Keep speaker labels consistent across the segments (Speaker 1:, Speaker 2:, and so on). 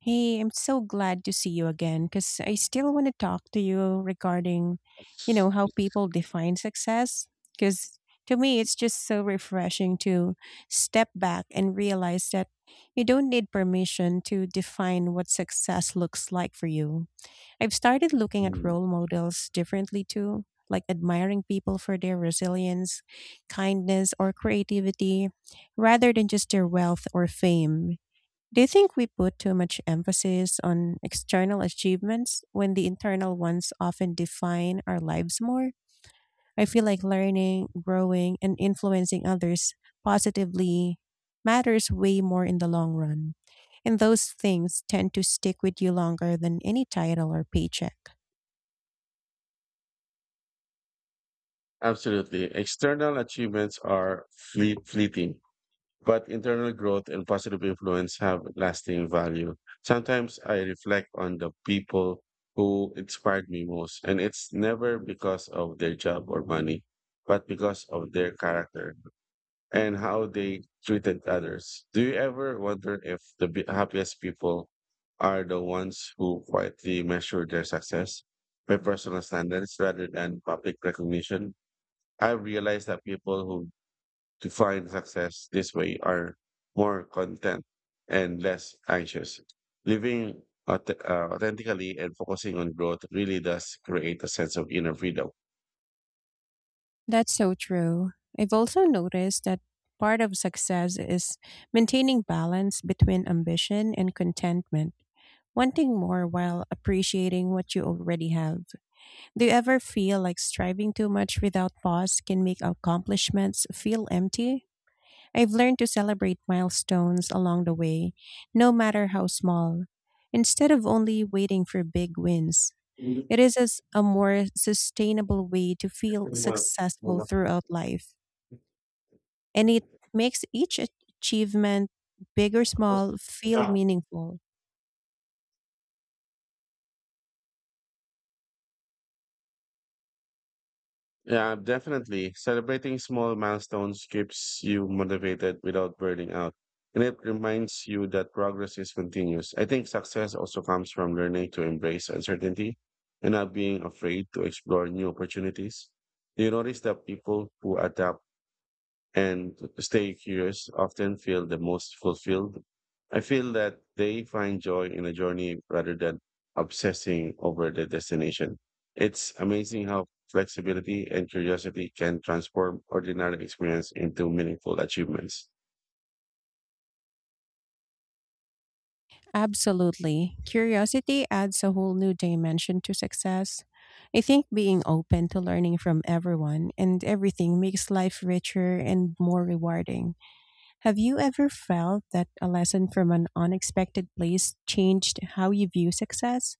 Speaker 1: Hey, I'm so glad to see you again because I still want to talk to you regarding, you know, how people define success. Because to me, it's just so refreshing to step back and realize that you don't need permission to define what success looks like for you. I've started looking at
Speaker 2: Mm,
Speaker 1: role models differently too, like admiring people for their resilience, kindness, or creativity rather than just their wealth or fame. Do you think we put too much emphasis on external achievements when the internal ones often define our lives more? I feel like learning, growing, and influencing others positively matters way more in the long run. And those things tend to stick with you longer than any title or paycheck.
Speaker 2: Absolutely. External achievements are fleeting, but internal growth and positive influence have lasting value. Sometimes I reflect on the people who inspired me most, and it's never because of their job or money, but because of their character and how they treated others. Do you ever wonder if the happiest people are the ones who quietly measure their success by personal standards rather than public recognition? I've realized that people who to find success this way are more content and less anxious. Living authentically and focusing on growth really does create a sense of inner freedom.
Speaker 1: That's so true. I've also noticed that part of success is maintaining balance between ambition and contentment, wanting more while appreciating what you already have. Do you ever feel like striving too much without pause can make accomplishments feel empty? I've learned to celebrate milestones along the way, no matter how small. Instead of only waiting for big wins, it is as a more sustainable way to feel successful throughout life. And it makes each achievement, big or small, feel meaningful.
Speaker 2: Yeah, definitely. Celebrating small milestones keeps you motivated without burning out. And it reminds you that progress is continuous. I think success also comes from learning to embrace uncertainty and not being afraid to explore new opportunities. Do you notice that people who adapt and stay curious often feel the most fulfilled? I feel that they find joy in a journey rather than obsessing over the destination. It's amazing how flexibility and curiosity can transform ordinary experience into meaningful achievements.
Speaker 1: Absolutely. Curiosity adds a whole new dimension to success. I think being open to learning from everyone and everything makes life richer and more rewarding. Have you ever felt that a lesson from an unexpected place changed how you view success?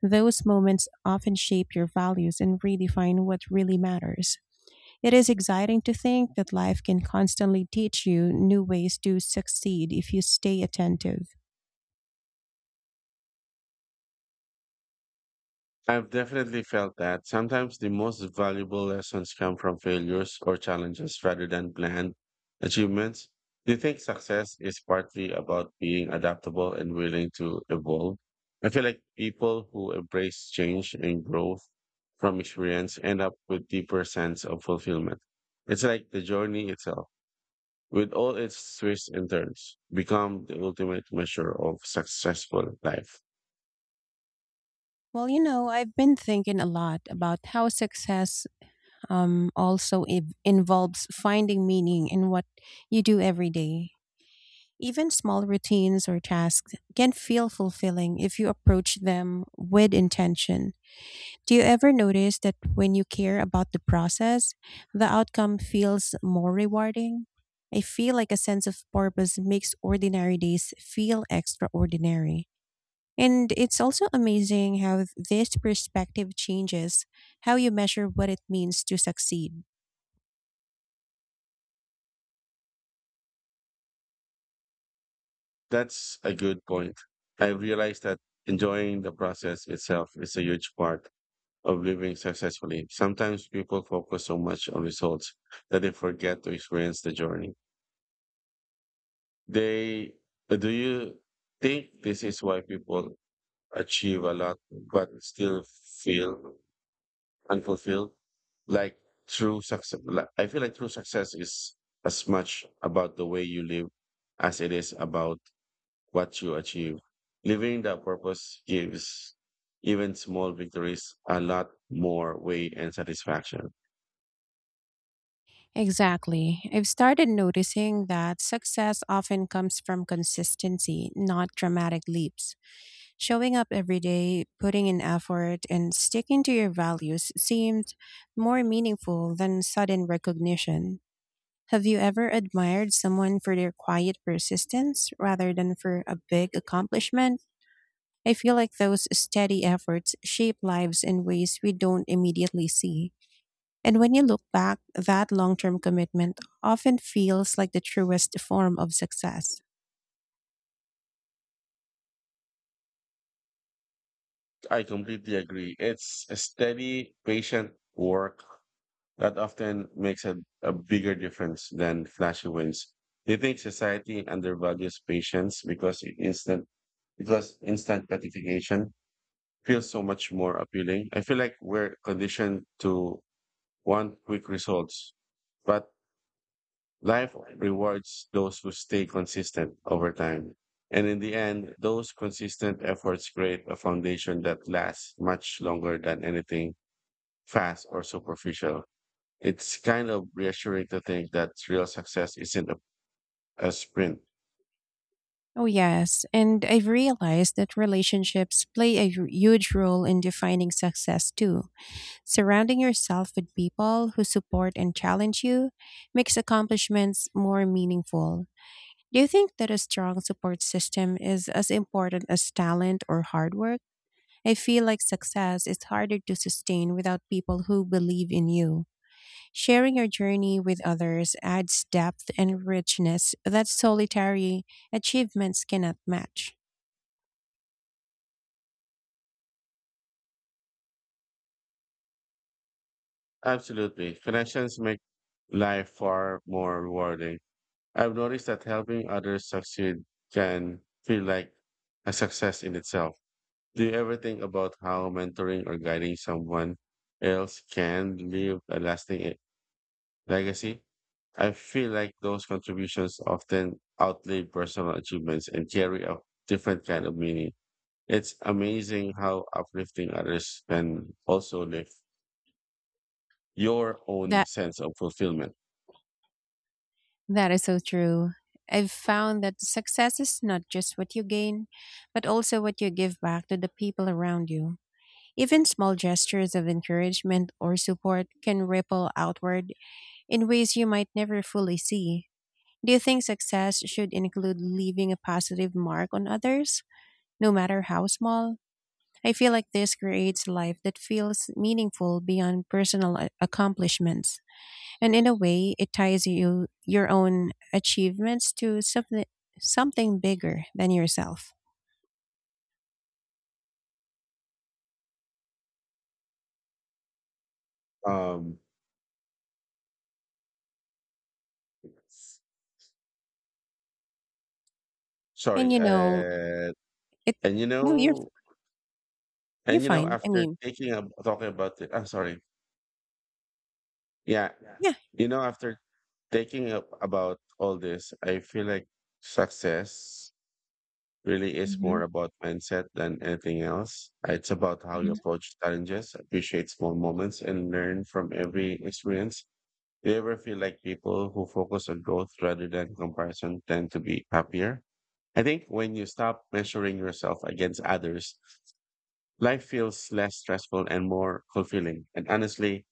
Speaker 1: Those moments often shape your values and redefine what really matters. It is exciting to think that life can constantly teach you new ways to succeed if you stay attentive.
Speaker 2: I've definitely felt that. Sometimes the most valuable lessons come from failures or challenges rather than planned achievements. Do you think success is partly about being adaptable and willing to evolve? I feel like people who embrace change and growth from experience end up with deeper sense of fulfillment. It's like the journey itself, with all its twists and turns, become the ultimate measure of successful life.
Speaker 1: Well, you know, I've been thinking a lot about how success also involves finding meaning in what you do every day. Even small routines or tasks can feel fulfilling if you approach them with intention. Do you ever notice that when you care about the process, the outcome feels more rewarding? I feel like a sense of purpose makes ordinary days feel extraordinary. And it's also amazing how this perspective changes how you measure what it means to succeed.
Speaker 2: That's a good point. I realized that enjoying the process itself is a huge part of living successfully. Sometimes people focus so much on results that they forget to experience the journey. They Do you think this is why people achieve a lot but still feel unfulfilled? Like True success, like, I feel like true success is as much about the way you live as it is about what you achieve. Living that purpose gives even small victories a lot more weight and satisfaction.
Speaker 1: Exactly. I've started noticing that success often comes from consistency, not dramatic leaps. Showing up every day, putting in effort, and sticking to your values seemed more meaningful than sudden recognition. Have you ever admired someone for their quiet persistence rather than for a big accomplishment? I feel like those steady efforts shape lives in ways we don't immediately see. And when you look back, that long term commitment often feels like the truest form of success.
Speaker 2: I completely agree. It's a steady, patient work that often makes a bigger difference than flashy wins. Do you think society undervalues patience because it instant because instant gratification feels so much more appealing? I feel like we're conditioned to want quick results, but life rewards those who stay consistent over time. And in the end, those consistent efforts create a foundation that lasts much longer than anything fast or superficial. It's kind of reassuring to think that real success isn't a sprint.
Speaker 1: Oh, yes. And I've realized that relationships play a huge role in defining success too. Surrounding yourself with people who support and challenge you makes accomplishments more meaningful. Do you think that a strong support system is as important as talent or hard work? I feel like success is harder to sustain without people who believe in you. Sharing your journey with others adds depth and richness that solitary achievements cannot match.
Speaker 2: Absolutely. Connections make life far more rewarding. I've noticed that helping others succeed can feel like a success in itself. Do you ever think about how mentoring or guiding someone else can leave a lasting legacy? I feel like those contributions often outlive personal achievements and carry a different kind of meaning. It's amazing how uplifting others can also lift your own
Speaker 1: That
Speaker 2: sense of fulfillment.
Speaker 1: that is so true. I've found that success is not just what you gain, but also what you give back to the people around you. Even small gestures of encouragement or support can ripple outward in ways you might never fully see. Do you think success should include leaving a positive mark on others, no matter how small? I feel like this creates a life that feels meaningful beyond personal accomplishments. And in a way, it ties you your own achievements to something bigger than yourself.
Speaker 2: Um,
Speaker 1: And
Speaker 2: sorry,
Speaker 1: you know, it
Speaker 2: and you
Speaker 1: no,
Speaker 2: know,
Speaker 1: you're
Speaker 2: and you know,
Speaker 1: fine. I
Speaker 2: after
Speaker 1: mean,
Speaker 2: taking up talking about it, I'm sorry. Yeah.
Speaker 1: yeah.
Speaker 2: You know, after thinking up about all this, I feel like success really is
Speaker 1: Hmm.
Speaker 2: more about mindset than anything else. It's about how you
Speaker 1: Hmm.
Speaker 2: approach challenges, appreciate small moments, and learn from every experience. Do you ever feel like people who focus on growth rather than comparison tend to be happier? I think when you stop measuring yourself against others life feels less stressful and more fulfilling. And honestly,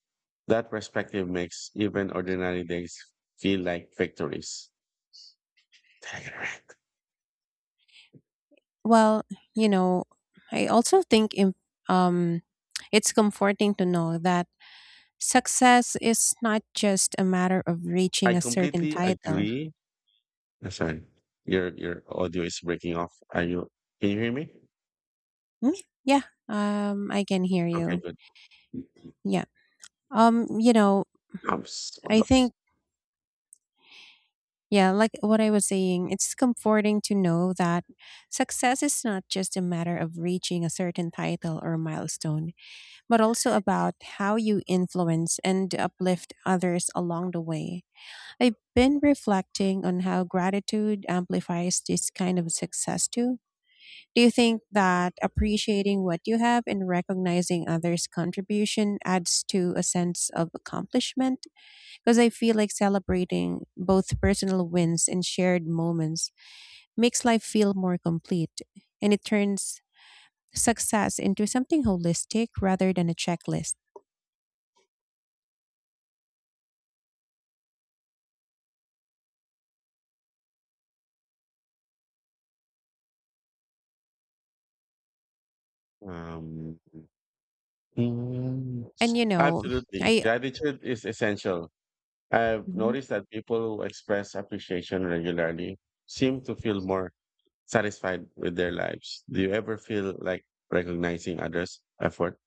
Speaker 2: that perspective makes even ordinary days feel like victories. Take a break.
Speaker 1: Well, you know, I also think um it's comforting to know that success is not just a matter of
Speaker 2: I
Speaker 1: reaching a certain
Speaker 2: completely
Speaker 1: title.
Speaker 2: agree. Sorry, your audio is breaking off. Are you? Can you hear me?
Speaker 1: Mm, yeah, I can hear
Speaker 2: Okay,
Speaker 1: you.
Speaker 2: good.
Speaker 1: Yeah. You know,
Speaker 2: Hold
Speaker 1: I
Speaker 2: on.
Speaker 1: think, yeah, like what I was saying, it's comforting to know that success is not just a matter of reaching a certain title or milestone, but also about how you influence and uplift others along the way. I've been reflecting on how gratitude amplifies this kind of success too. Do you think that appreciating what you have and recognizing others' contribution adds to a sense of accomplishment? Because I feel like celebrating both personal wins and shared moments makes life feel more complete and it turns success into something holistic rather than a checklist.
Speaker 2: Um, mm,
Speaker 1: And you know,
Speaker 2: absolutely.
Speaker 1: I.
Speaker 2: Gratitude is essential. I've
Speaker 1: Mhm.
Speaker 2: noticed that people who express appreciation regularly seem to feel more satisfied with their lives. Do you ever feel like recognizing others' effort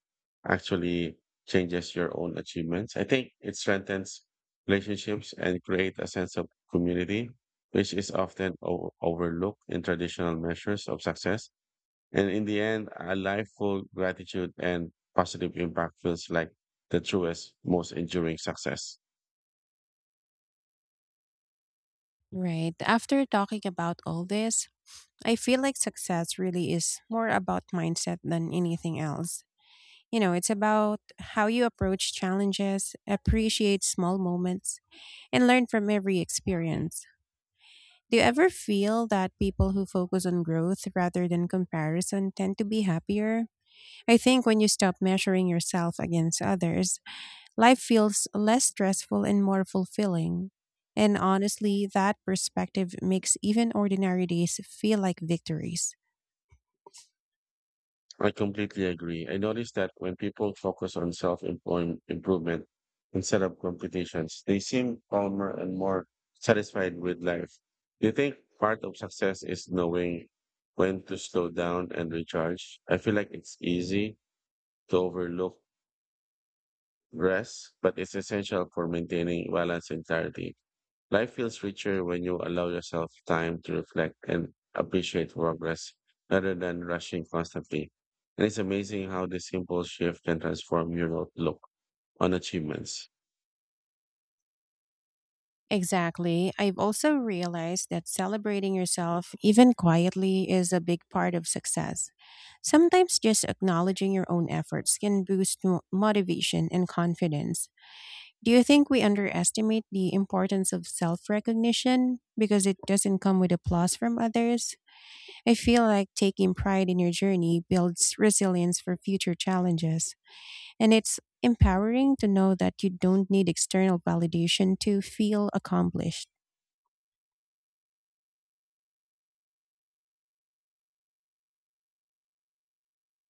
Speaker 2: actually changes your own achievements? I think it strengthens relationships and create a sense of community, which is often overlooked in traditional measures of success. And in the end, a life full gratitude and positive impact feels like the truest, most enduring success.
Speaker 1: Right after talking about all this, I feel like success really is more about mindset than anything else. You know, it's about how you approach challenges, appreciate small moments, and learn from every experience. Do you ever feel that people who focus on growth rather than comparison tend to be happier? I think when you stop measuring yourself against others, life feels less stressful and more fulfilling. And honestly, that perspective makes even ordinary days feel like victories.
Speaker 2: I completely agree. I noticed that when people focus on self improvement instead of competitions, they seem calmer and more satisfied with life. Do you think part of success is knowing when to slow down and recharge? I feel like it's easy to overlook rest, but it's essential for maintaining balance and clarity. Life feels richer when you allow yourself time to reflect and appreciate progress rather than rushing constantly. And it's amazing how this simple shift can transform your outlook on achievements.
Speaker 1: Exactly. I've also realized that celebrating yourself, even quietly, is a big part of success. Sometimes just acknowledging your own efforts can boost motivation and confidence. Do you think we underestimate the importance of self recognition because it doesn't come with applause from others? I feel like taking pride in your journey builds resilience for future challenges, and it's empowering to know that you don't need external validation to feel accomplished.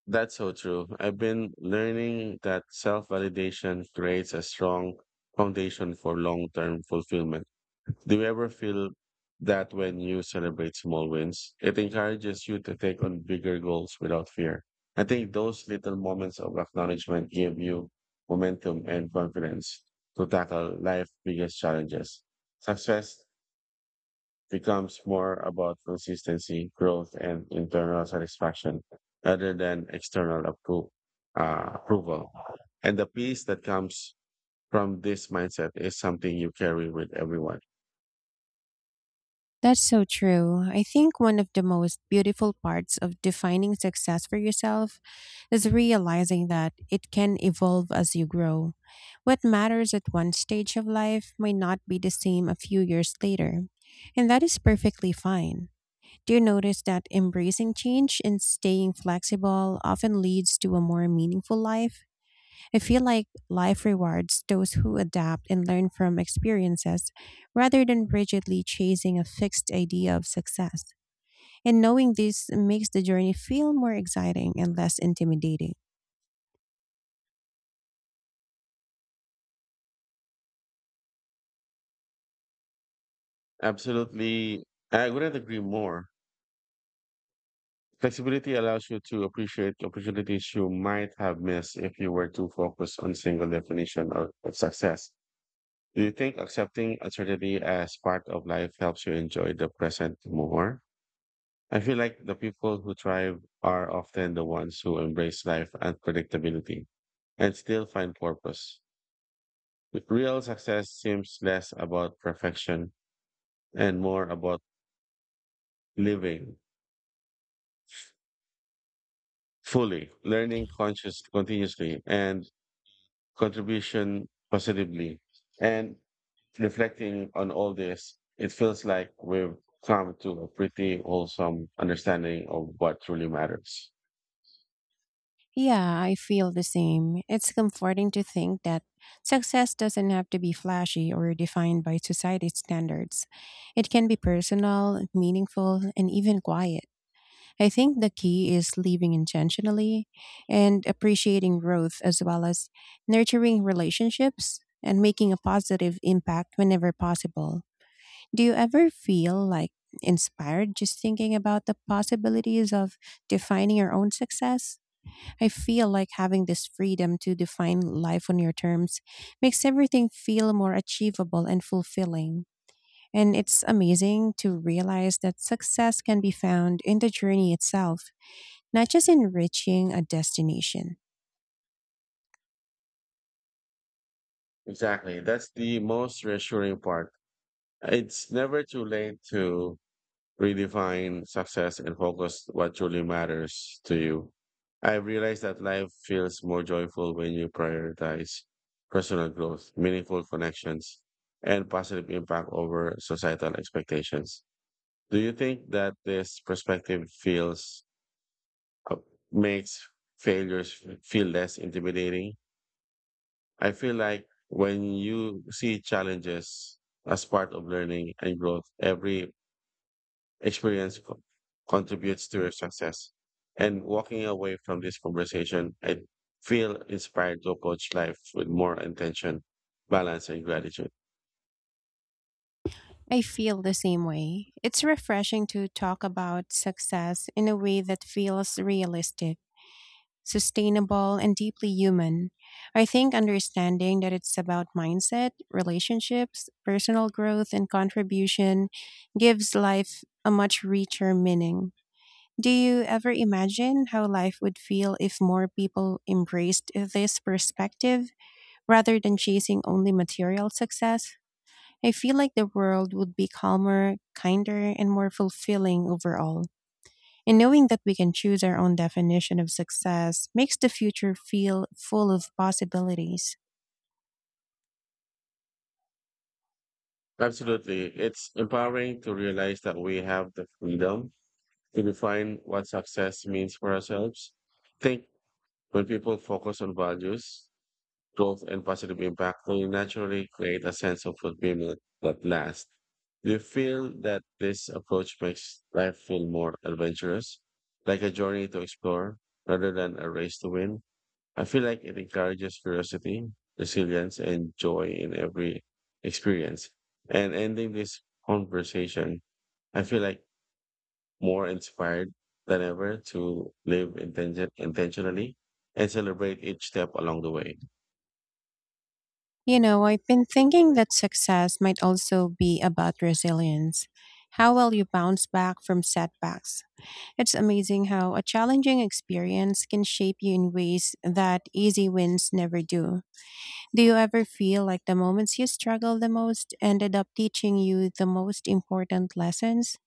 Speaker 2: That's so true. I've been learning that self validation creates a strong foundation for long term fulfillment. Do you ever feel that when you celebrate small wins, it encourages you to take on bigger goals without fear? I think those little moments of acknowledgement give you momentum and confidence to tackle life's biggest challenges. Success becomes more about consistency, growth, and internal satisfaction rather than external approval. And the peace that comes from this mindset is something you carry with everyone.
Speaker 1: That's so true. I think one of the most beautiful parts of defining success for yourself is realizing that it can evolve as you grow. What matters at one stage of life may not be the same a few years later, and that is perfectly fine. Do you notice that embracing change and staying flexible often leads to a more meaningful life? I feel like life rewards those who adapt and learn from experiences rather than rigidly chasing a fixed idea of success. And knowing this makes the journey feel more exciting and less intimidating.
Speaker 2: Absolutely. I couldn't agree more. Flexibility allows you to appreciate opportunities you might have missed if you were too focused on single definition of success. Do you think accepting uncertainty as part of life helps you enjoy the present more? I feel like the people who thrive are often the ones who embrace life unpredictability and still find purpose. Real success seems less about perfection and more about living fully, learning conscious continuously and contribution positively. And reflecting on all this, it feels like we've come to a pretty wholesome understanding of what truly matters.
Speaker 1: Yeah, I feel the same. It's comforting to think that success doesn't have to be flashy or defined by society's standards. It can be personal, meaningful, and even quiet. I think the key is living intentionally and appreciating growth as well as nurturing relationships and making a positive impact whenever possible. Do you ever feel like inspired just thinking about the possibilities of defining your own success? I feel like having this freedom to define life on your terms makes everything feel more achievable and fulfilling. And it's amazing to realize that success can be found in the journey itself not just enriching a destination.
Speaker 2: Exactly. That's the most reassuring part. It's never too late to redefine success and focus what truly matters to you. I've realized that life feels more joyful when you prioritize personal growth, meaningful connections, and positive impact over societal expectations. Do you think that this perspective feels uh, makes failures feel less intimidating? I feel like when you see challenges as part of learning and growth, every experience contributes to your success. And walking away from this conversation, I feel inspired to approach life with more intention, balance, and gratitude.
Speaker 1: I feel the same way. It's refreshing to talk about success in a way that feels realistic, sustainable, and deeply human. I think understanding that it's about mindset, relationships, personal growth, and contribution gives life a much richer meaning. Do you ever imagine how life would feel if more people embraced this perspective rather than chasing only material success? I feel like the world would be calmer, kinder, and more fulfilling overall. And knowing that we can choose our own definition of success makes the future feel full of possibilities.
Speaker 2: Absolutely. It's empowering to realize that we have the freedom to define what success means for ourselves. I think when people focus on values growth and positive impact will naturally create a sense of fulfillment that lasts. Do you feel that this approach makes life feel more adventurous, like a journey to explore rather than a race to win? I feel like it encourages curiosity, resilience, and joy in every experience. And ending this conversation, I feel like more inspired than ever to live intentionally and celebrate each step along the way.
Speaker 1: You know, I've been thinking that success might also be about resilience. How well you bounce back from setbacks. It's amazing how a challenging experience can shape you in ways that easy wins never do. Do you ever feel like the moments you struggled the most ended up teaching you the most important lessons?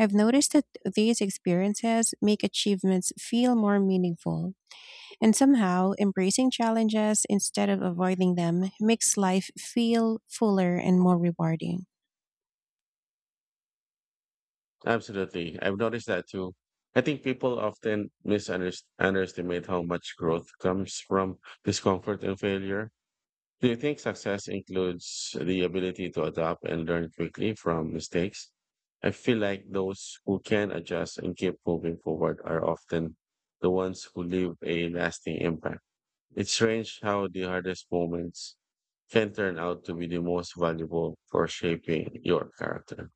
Speaker 1: I've noticed that these experiences make achievements feel more meaningful, and somehow embracing challenges instead of avoiding them makes life feel fuller and more rewarding.
Speaker 2: Absolutely. I've noticed that too. I think people often misunderestimate how much growth comes from discomfort and failure. Do you think success includes the ability to adapt and learn quickly from mistakes? I feel like those who can adjust and keep moving forward are often the ones who leave a lasting impact. It's strange how the hardest moments can turn out to be the most valuable for shaping your character.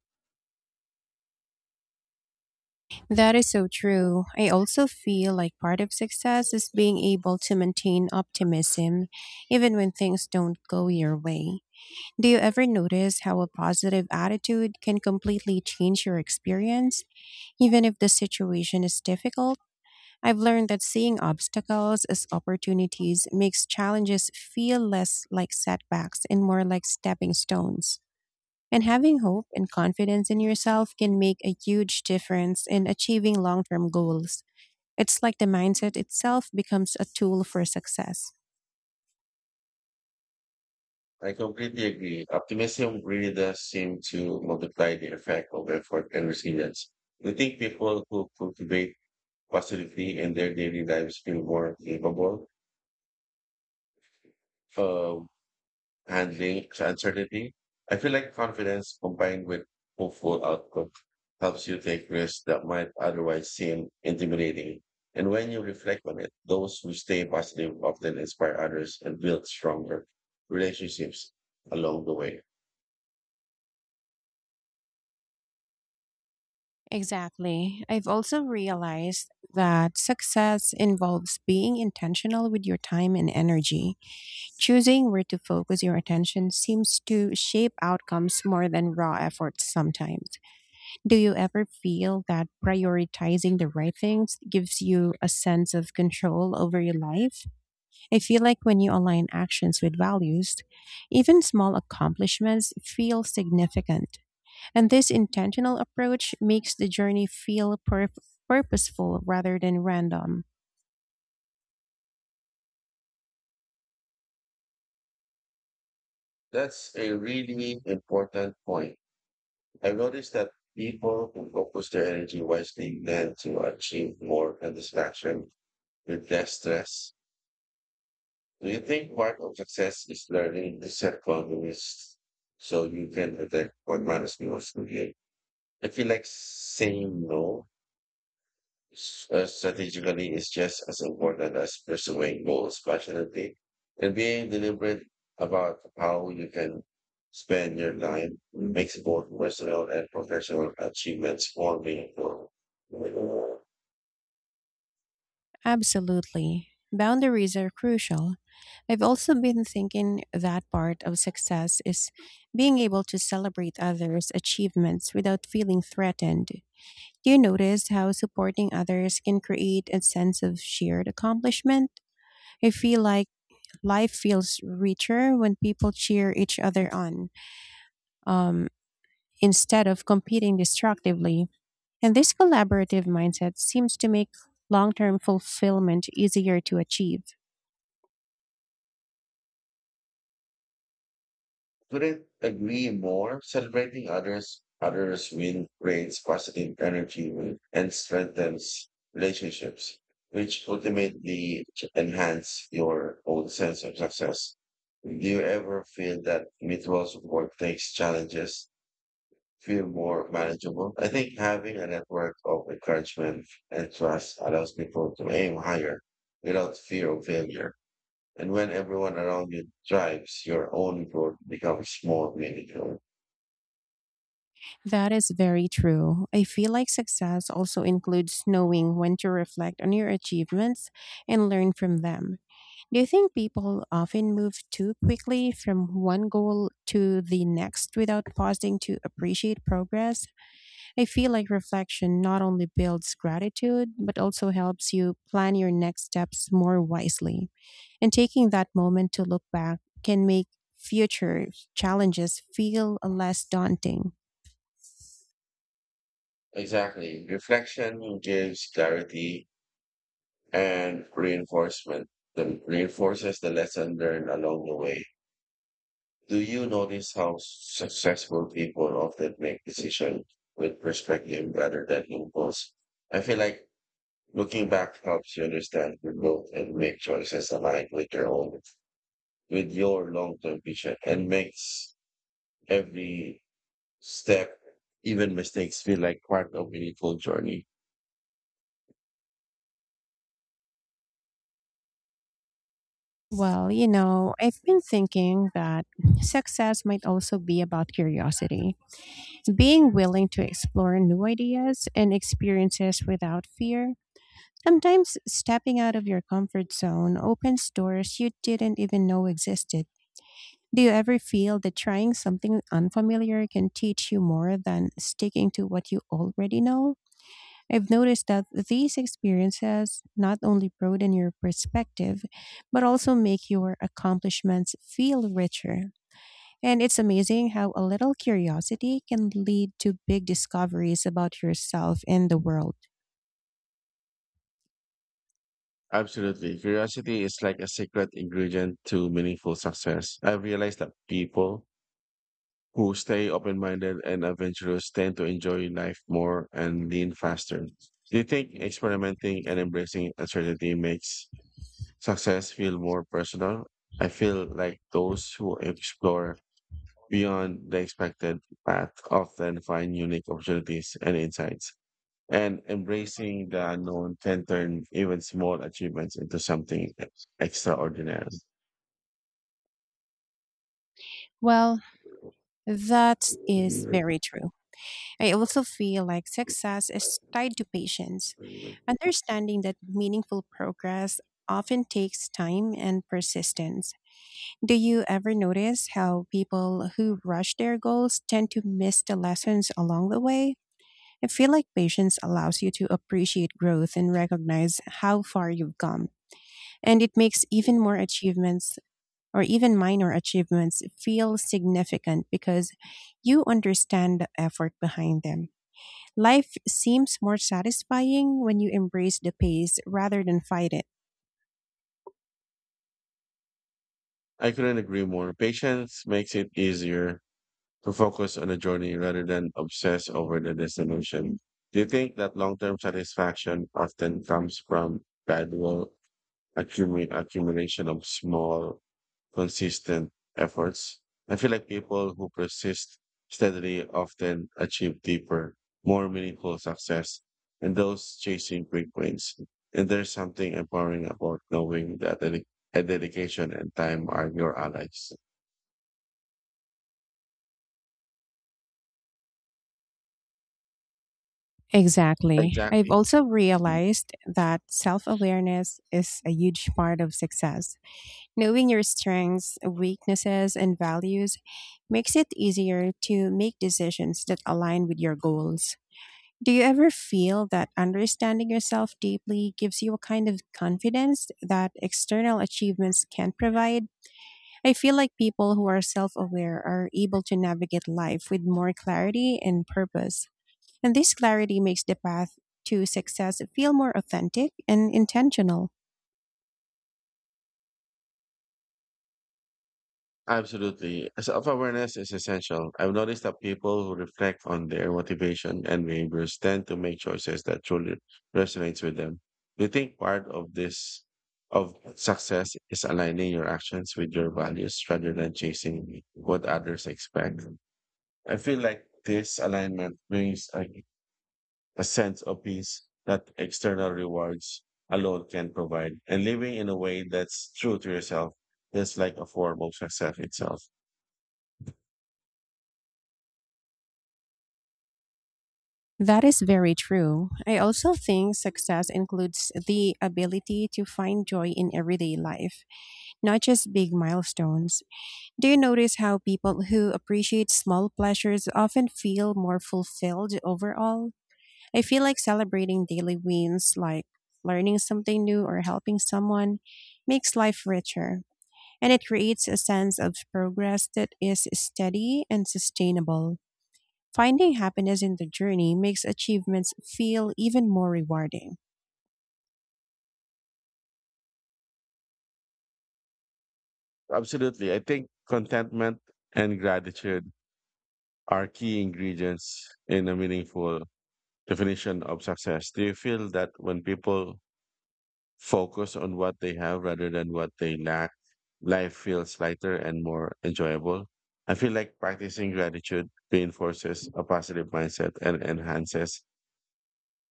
Speaker 1: That is so true. I also feel like part of success is being able to maintain optimism even when things don't go your way. Do you ever notice how a positive attitude can completely change your experience? Even if the situation is difficult, I've learned that seeing obstacles as opportunities makes challenges feel less like setbacks and more like stepping stones. And having hope and confidence in yourself can make a huge difference in achieving long term goals. It's like the mindset itself becomes a tool for success.
Speaker 2: I completely agree. Optimism really does seem to multiply the effect of effort and resilience. You think people who cultivate positivity in their daily lives feel more capable of handling uncertainty? I feel like confidence combined with hopeful outlook helps you take risks that might otherwise seem intimidating. And when you reflect on it, those who stay positive often inspire others and build stronger relationships along the way.
Speaker 1: Exactly. I've also realized that success involves being intentional with your time and energy. Choosing where to focus your attention seems to shape outcomes more than raw efforts sometimes. Do you ever feel that prioritizing the right things gives you a sense of control over your life? I feel like when you align actions with values, even small accomplishments feel significant. And this intentional approach makes the journey feel purposeful rather than random.
Speaker 2: That's a really important point. I noticed that people who focus their energy wisely tend to achieve more satisfaction with less stress. Do you think part of success is learning to set boundaries so you can protect what matters most to you? I feel like saying no strategically is just as important as pursuing goals passionately and being deliberate about how you can spend your time makes both personal and professional achievements more meaningful.
Speaker 1: Absolutely. Boundaries are crucial. I've also been thinking that part of success is being able to celebrate others' achievements without feeling threatened. Do you notice how supporting others can create a sense of shared accomplishment? I feel like life feels richer when people cheer each other on, um, instead of competing destructively. And this collaborative mindset seems to make long term fulfillment easier to achieve.
Speaker 2: Couldn't agree more. Celebrating others, others win creates positive energy and strengthens relationships, which ultimately enhance your own sense of success. Do you ever feel that mutual support makes challenges feel more manageable? I think having a network of encouragement and trust allows people to aim higher without fear of failure. And when everyone around you thrives, your own growth becomes more meaningful.
Speaker 1: That is very true. I feel like success also includes knowing when to reflect on your achievements and learn from them. Do you think people often move too quickly from one goal to the next without pausing to appreciate progress? I feel like reflection not only builds gratitude, but also helps you plan your next steps more wisely. And taking that moment to look back can make future challenges feel less daunting.
Speaker 2: Exactly. Reflection gives clarity and reinforcement that reinforces the lesson learned along the way. Do you notice how successful people often make decisions with perspective rather than impulse? I feel like looking back helps you understand your growth and make choices aligned with your own, with your long-term vision and makes every step, even mistakes feel like part of meaningful journey.
Speaker 1: Well, you know, I've been thinking that success might also be about curiosity, being willing to explore new ideas and experiences without fear. Sometimes stepping out of your comfort zone opens doors you didn't even know existed. Do you ever feel that trying something unfamiliar can teach you more than sticking to what you already know? I've noticed that these experiences not only broaden your perspective, but also make your accomplishments feel richer. And it's amazing how a little curiosity can lead to big discoveries about yourself and the world.
Speaker 2: Absolutely. Curiosity is like a secret ingredient to meaningful success. I've realized that people who stay open minded and adventurous tend to enjoy life more and lean faster. Do you think experimenting and embracing uncertainty makes success feel more personal? I feel like those who explore beyond the expected path often find unique opportunities and insights. And embracing the unknown can turn even small achievements into something extraordinary.
Speaker 1: Well, that is very true. I also feel like success is tied to patience. Understanding that meaningful progress often takes time and persistence. Do you ever notice how people who rush their goals tend to miss the lessons along the way? I feel like patience allows you to appreciate growth and recognize how far you've come, and it makes even more achievements or even minor achievements feel significant because you understand the effort behind them. Life seems more satisfying when you embrace the pace rather than fight it.
Speaker 2: I couldn't agree more. Patience makes it easier to focus on the journey rather than obsess over the destination. Do you think that long-term satisfaction often comes from gradual accumu- accumulation of small, consistent efforts? I feel like people who persist steadily often achieve deeper, more meaningful success than those chasing quick wins. And there's something empowering about knowing that dedication and time are your allies.
Speaker 1: Exactly. I've
Speaker 2: Exactly.
Speaker 1: also realized that self awareness is a huge part of success. Knowing your strengths, weaknesses, and values makes it easier to make decisions that align with your goals. Do you ever feel that understanding yourself deeply gives you a kind of confidence that external achievements can't provide? I feel like people who are self aware are able to navigate life with more clarity and purpose. And this clarity makes the path to success feel more authentic and intentional.
Speaker 2: Absolutely. Self awareness is essential. I've noticed that people who reflect on their motivation and behaviors tend to make choices that truly resonates with them. Do you think part of this of success is aligning your actions with your values rather than chasing what others expect? I feel like this alignment brings a sense of peace that external rewards alone can provide. And living in a way that's true to yourself is like a form of success itself.
Speaker 1: That is very true. I also think success includes the ability to find joy in everyday life, not just big milestones. Do you notice how people who appreciate small pleasures often feel more fulfilled overall? I feel like celebrating daily wins, like learning something new or helping someone, makes life richer. And it creates a sense of progress that is steady and sustainable. Finding happiness in the journey makes achievements feel even more rewarding.
Speaker 2: Absolutely. I think contentment and gratitude are key ingredients in a meaningful definition of success. Do you feel that when people focus on what they have rather than what they lack, life feels lighter and more enjoyable? I feel like practicing gratitude reinforces a positive mindset and enhances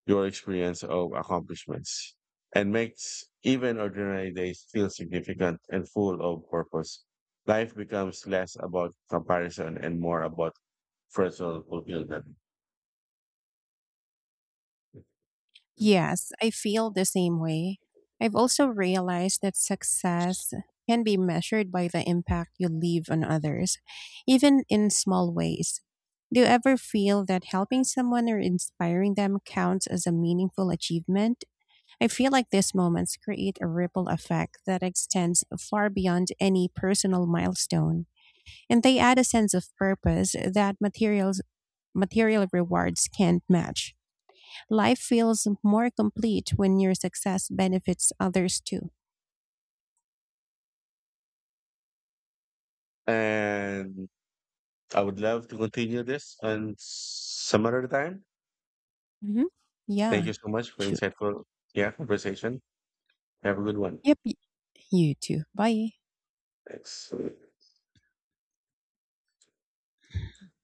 Speaker 2: your experience of accomplishments and makes even ordinary days feel significant and full of purpose. Life becomes less about comparison and more about personal fulfillment.
Speaker 1: Yes, I feel the same way. I've also realized that success can be measured by the impact you leave on others, even in small ways. Do you ever feel that helping someone or inspiring them counts as a meaningful achievement? I feel like these moments create a ripple effect that extends far beyond any personal milestone, and they add a sense of purpose that material rewards can't match. Life feels more complete when your success benefits others too.
Speaker 2: And I would love to continue this on some other time.
Speaker 1: Hmm. Yeah.
Speaker 2: Thank you so much for
Speaker 1: Sure.
Speaker 2: insightful yeah conversation. Have a good one.
Speaker 1: Yep. You too. Bye.
Speaker 2: Thanks.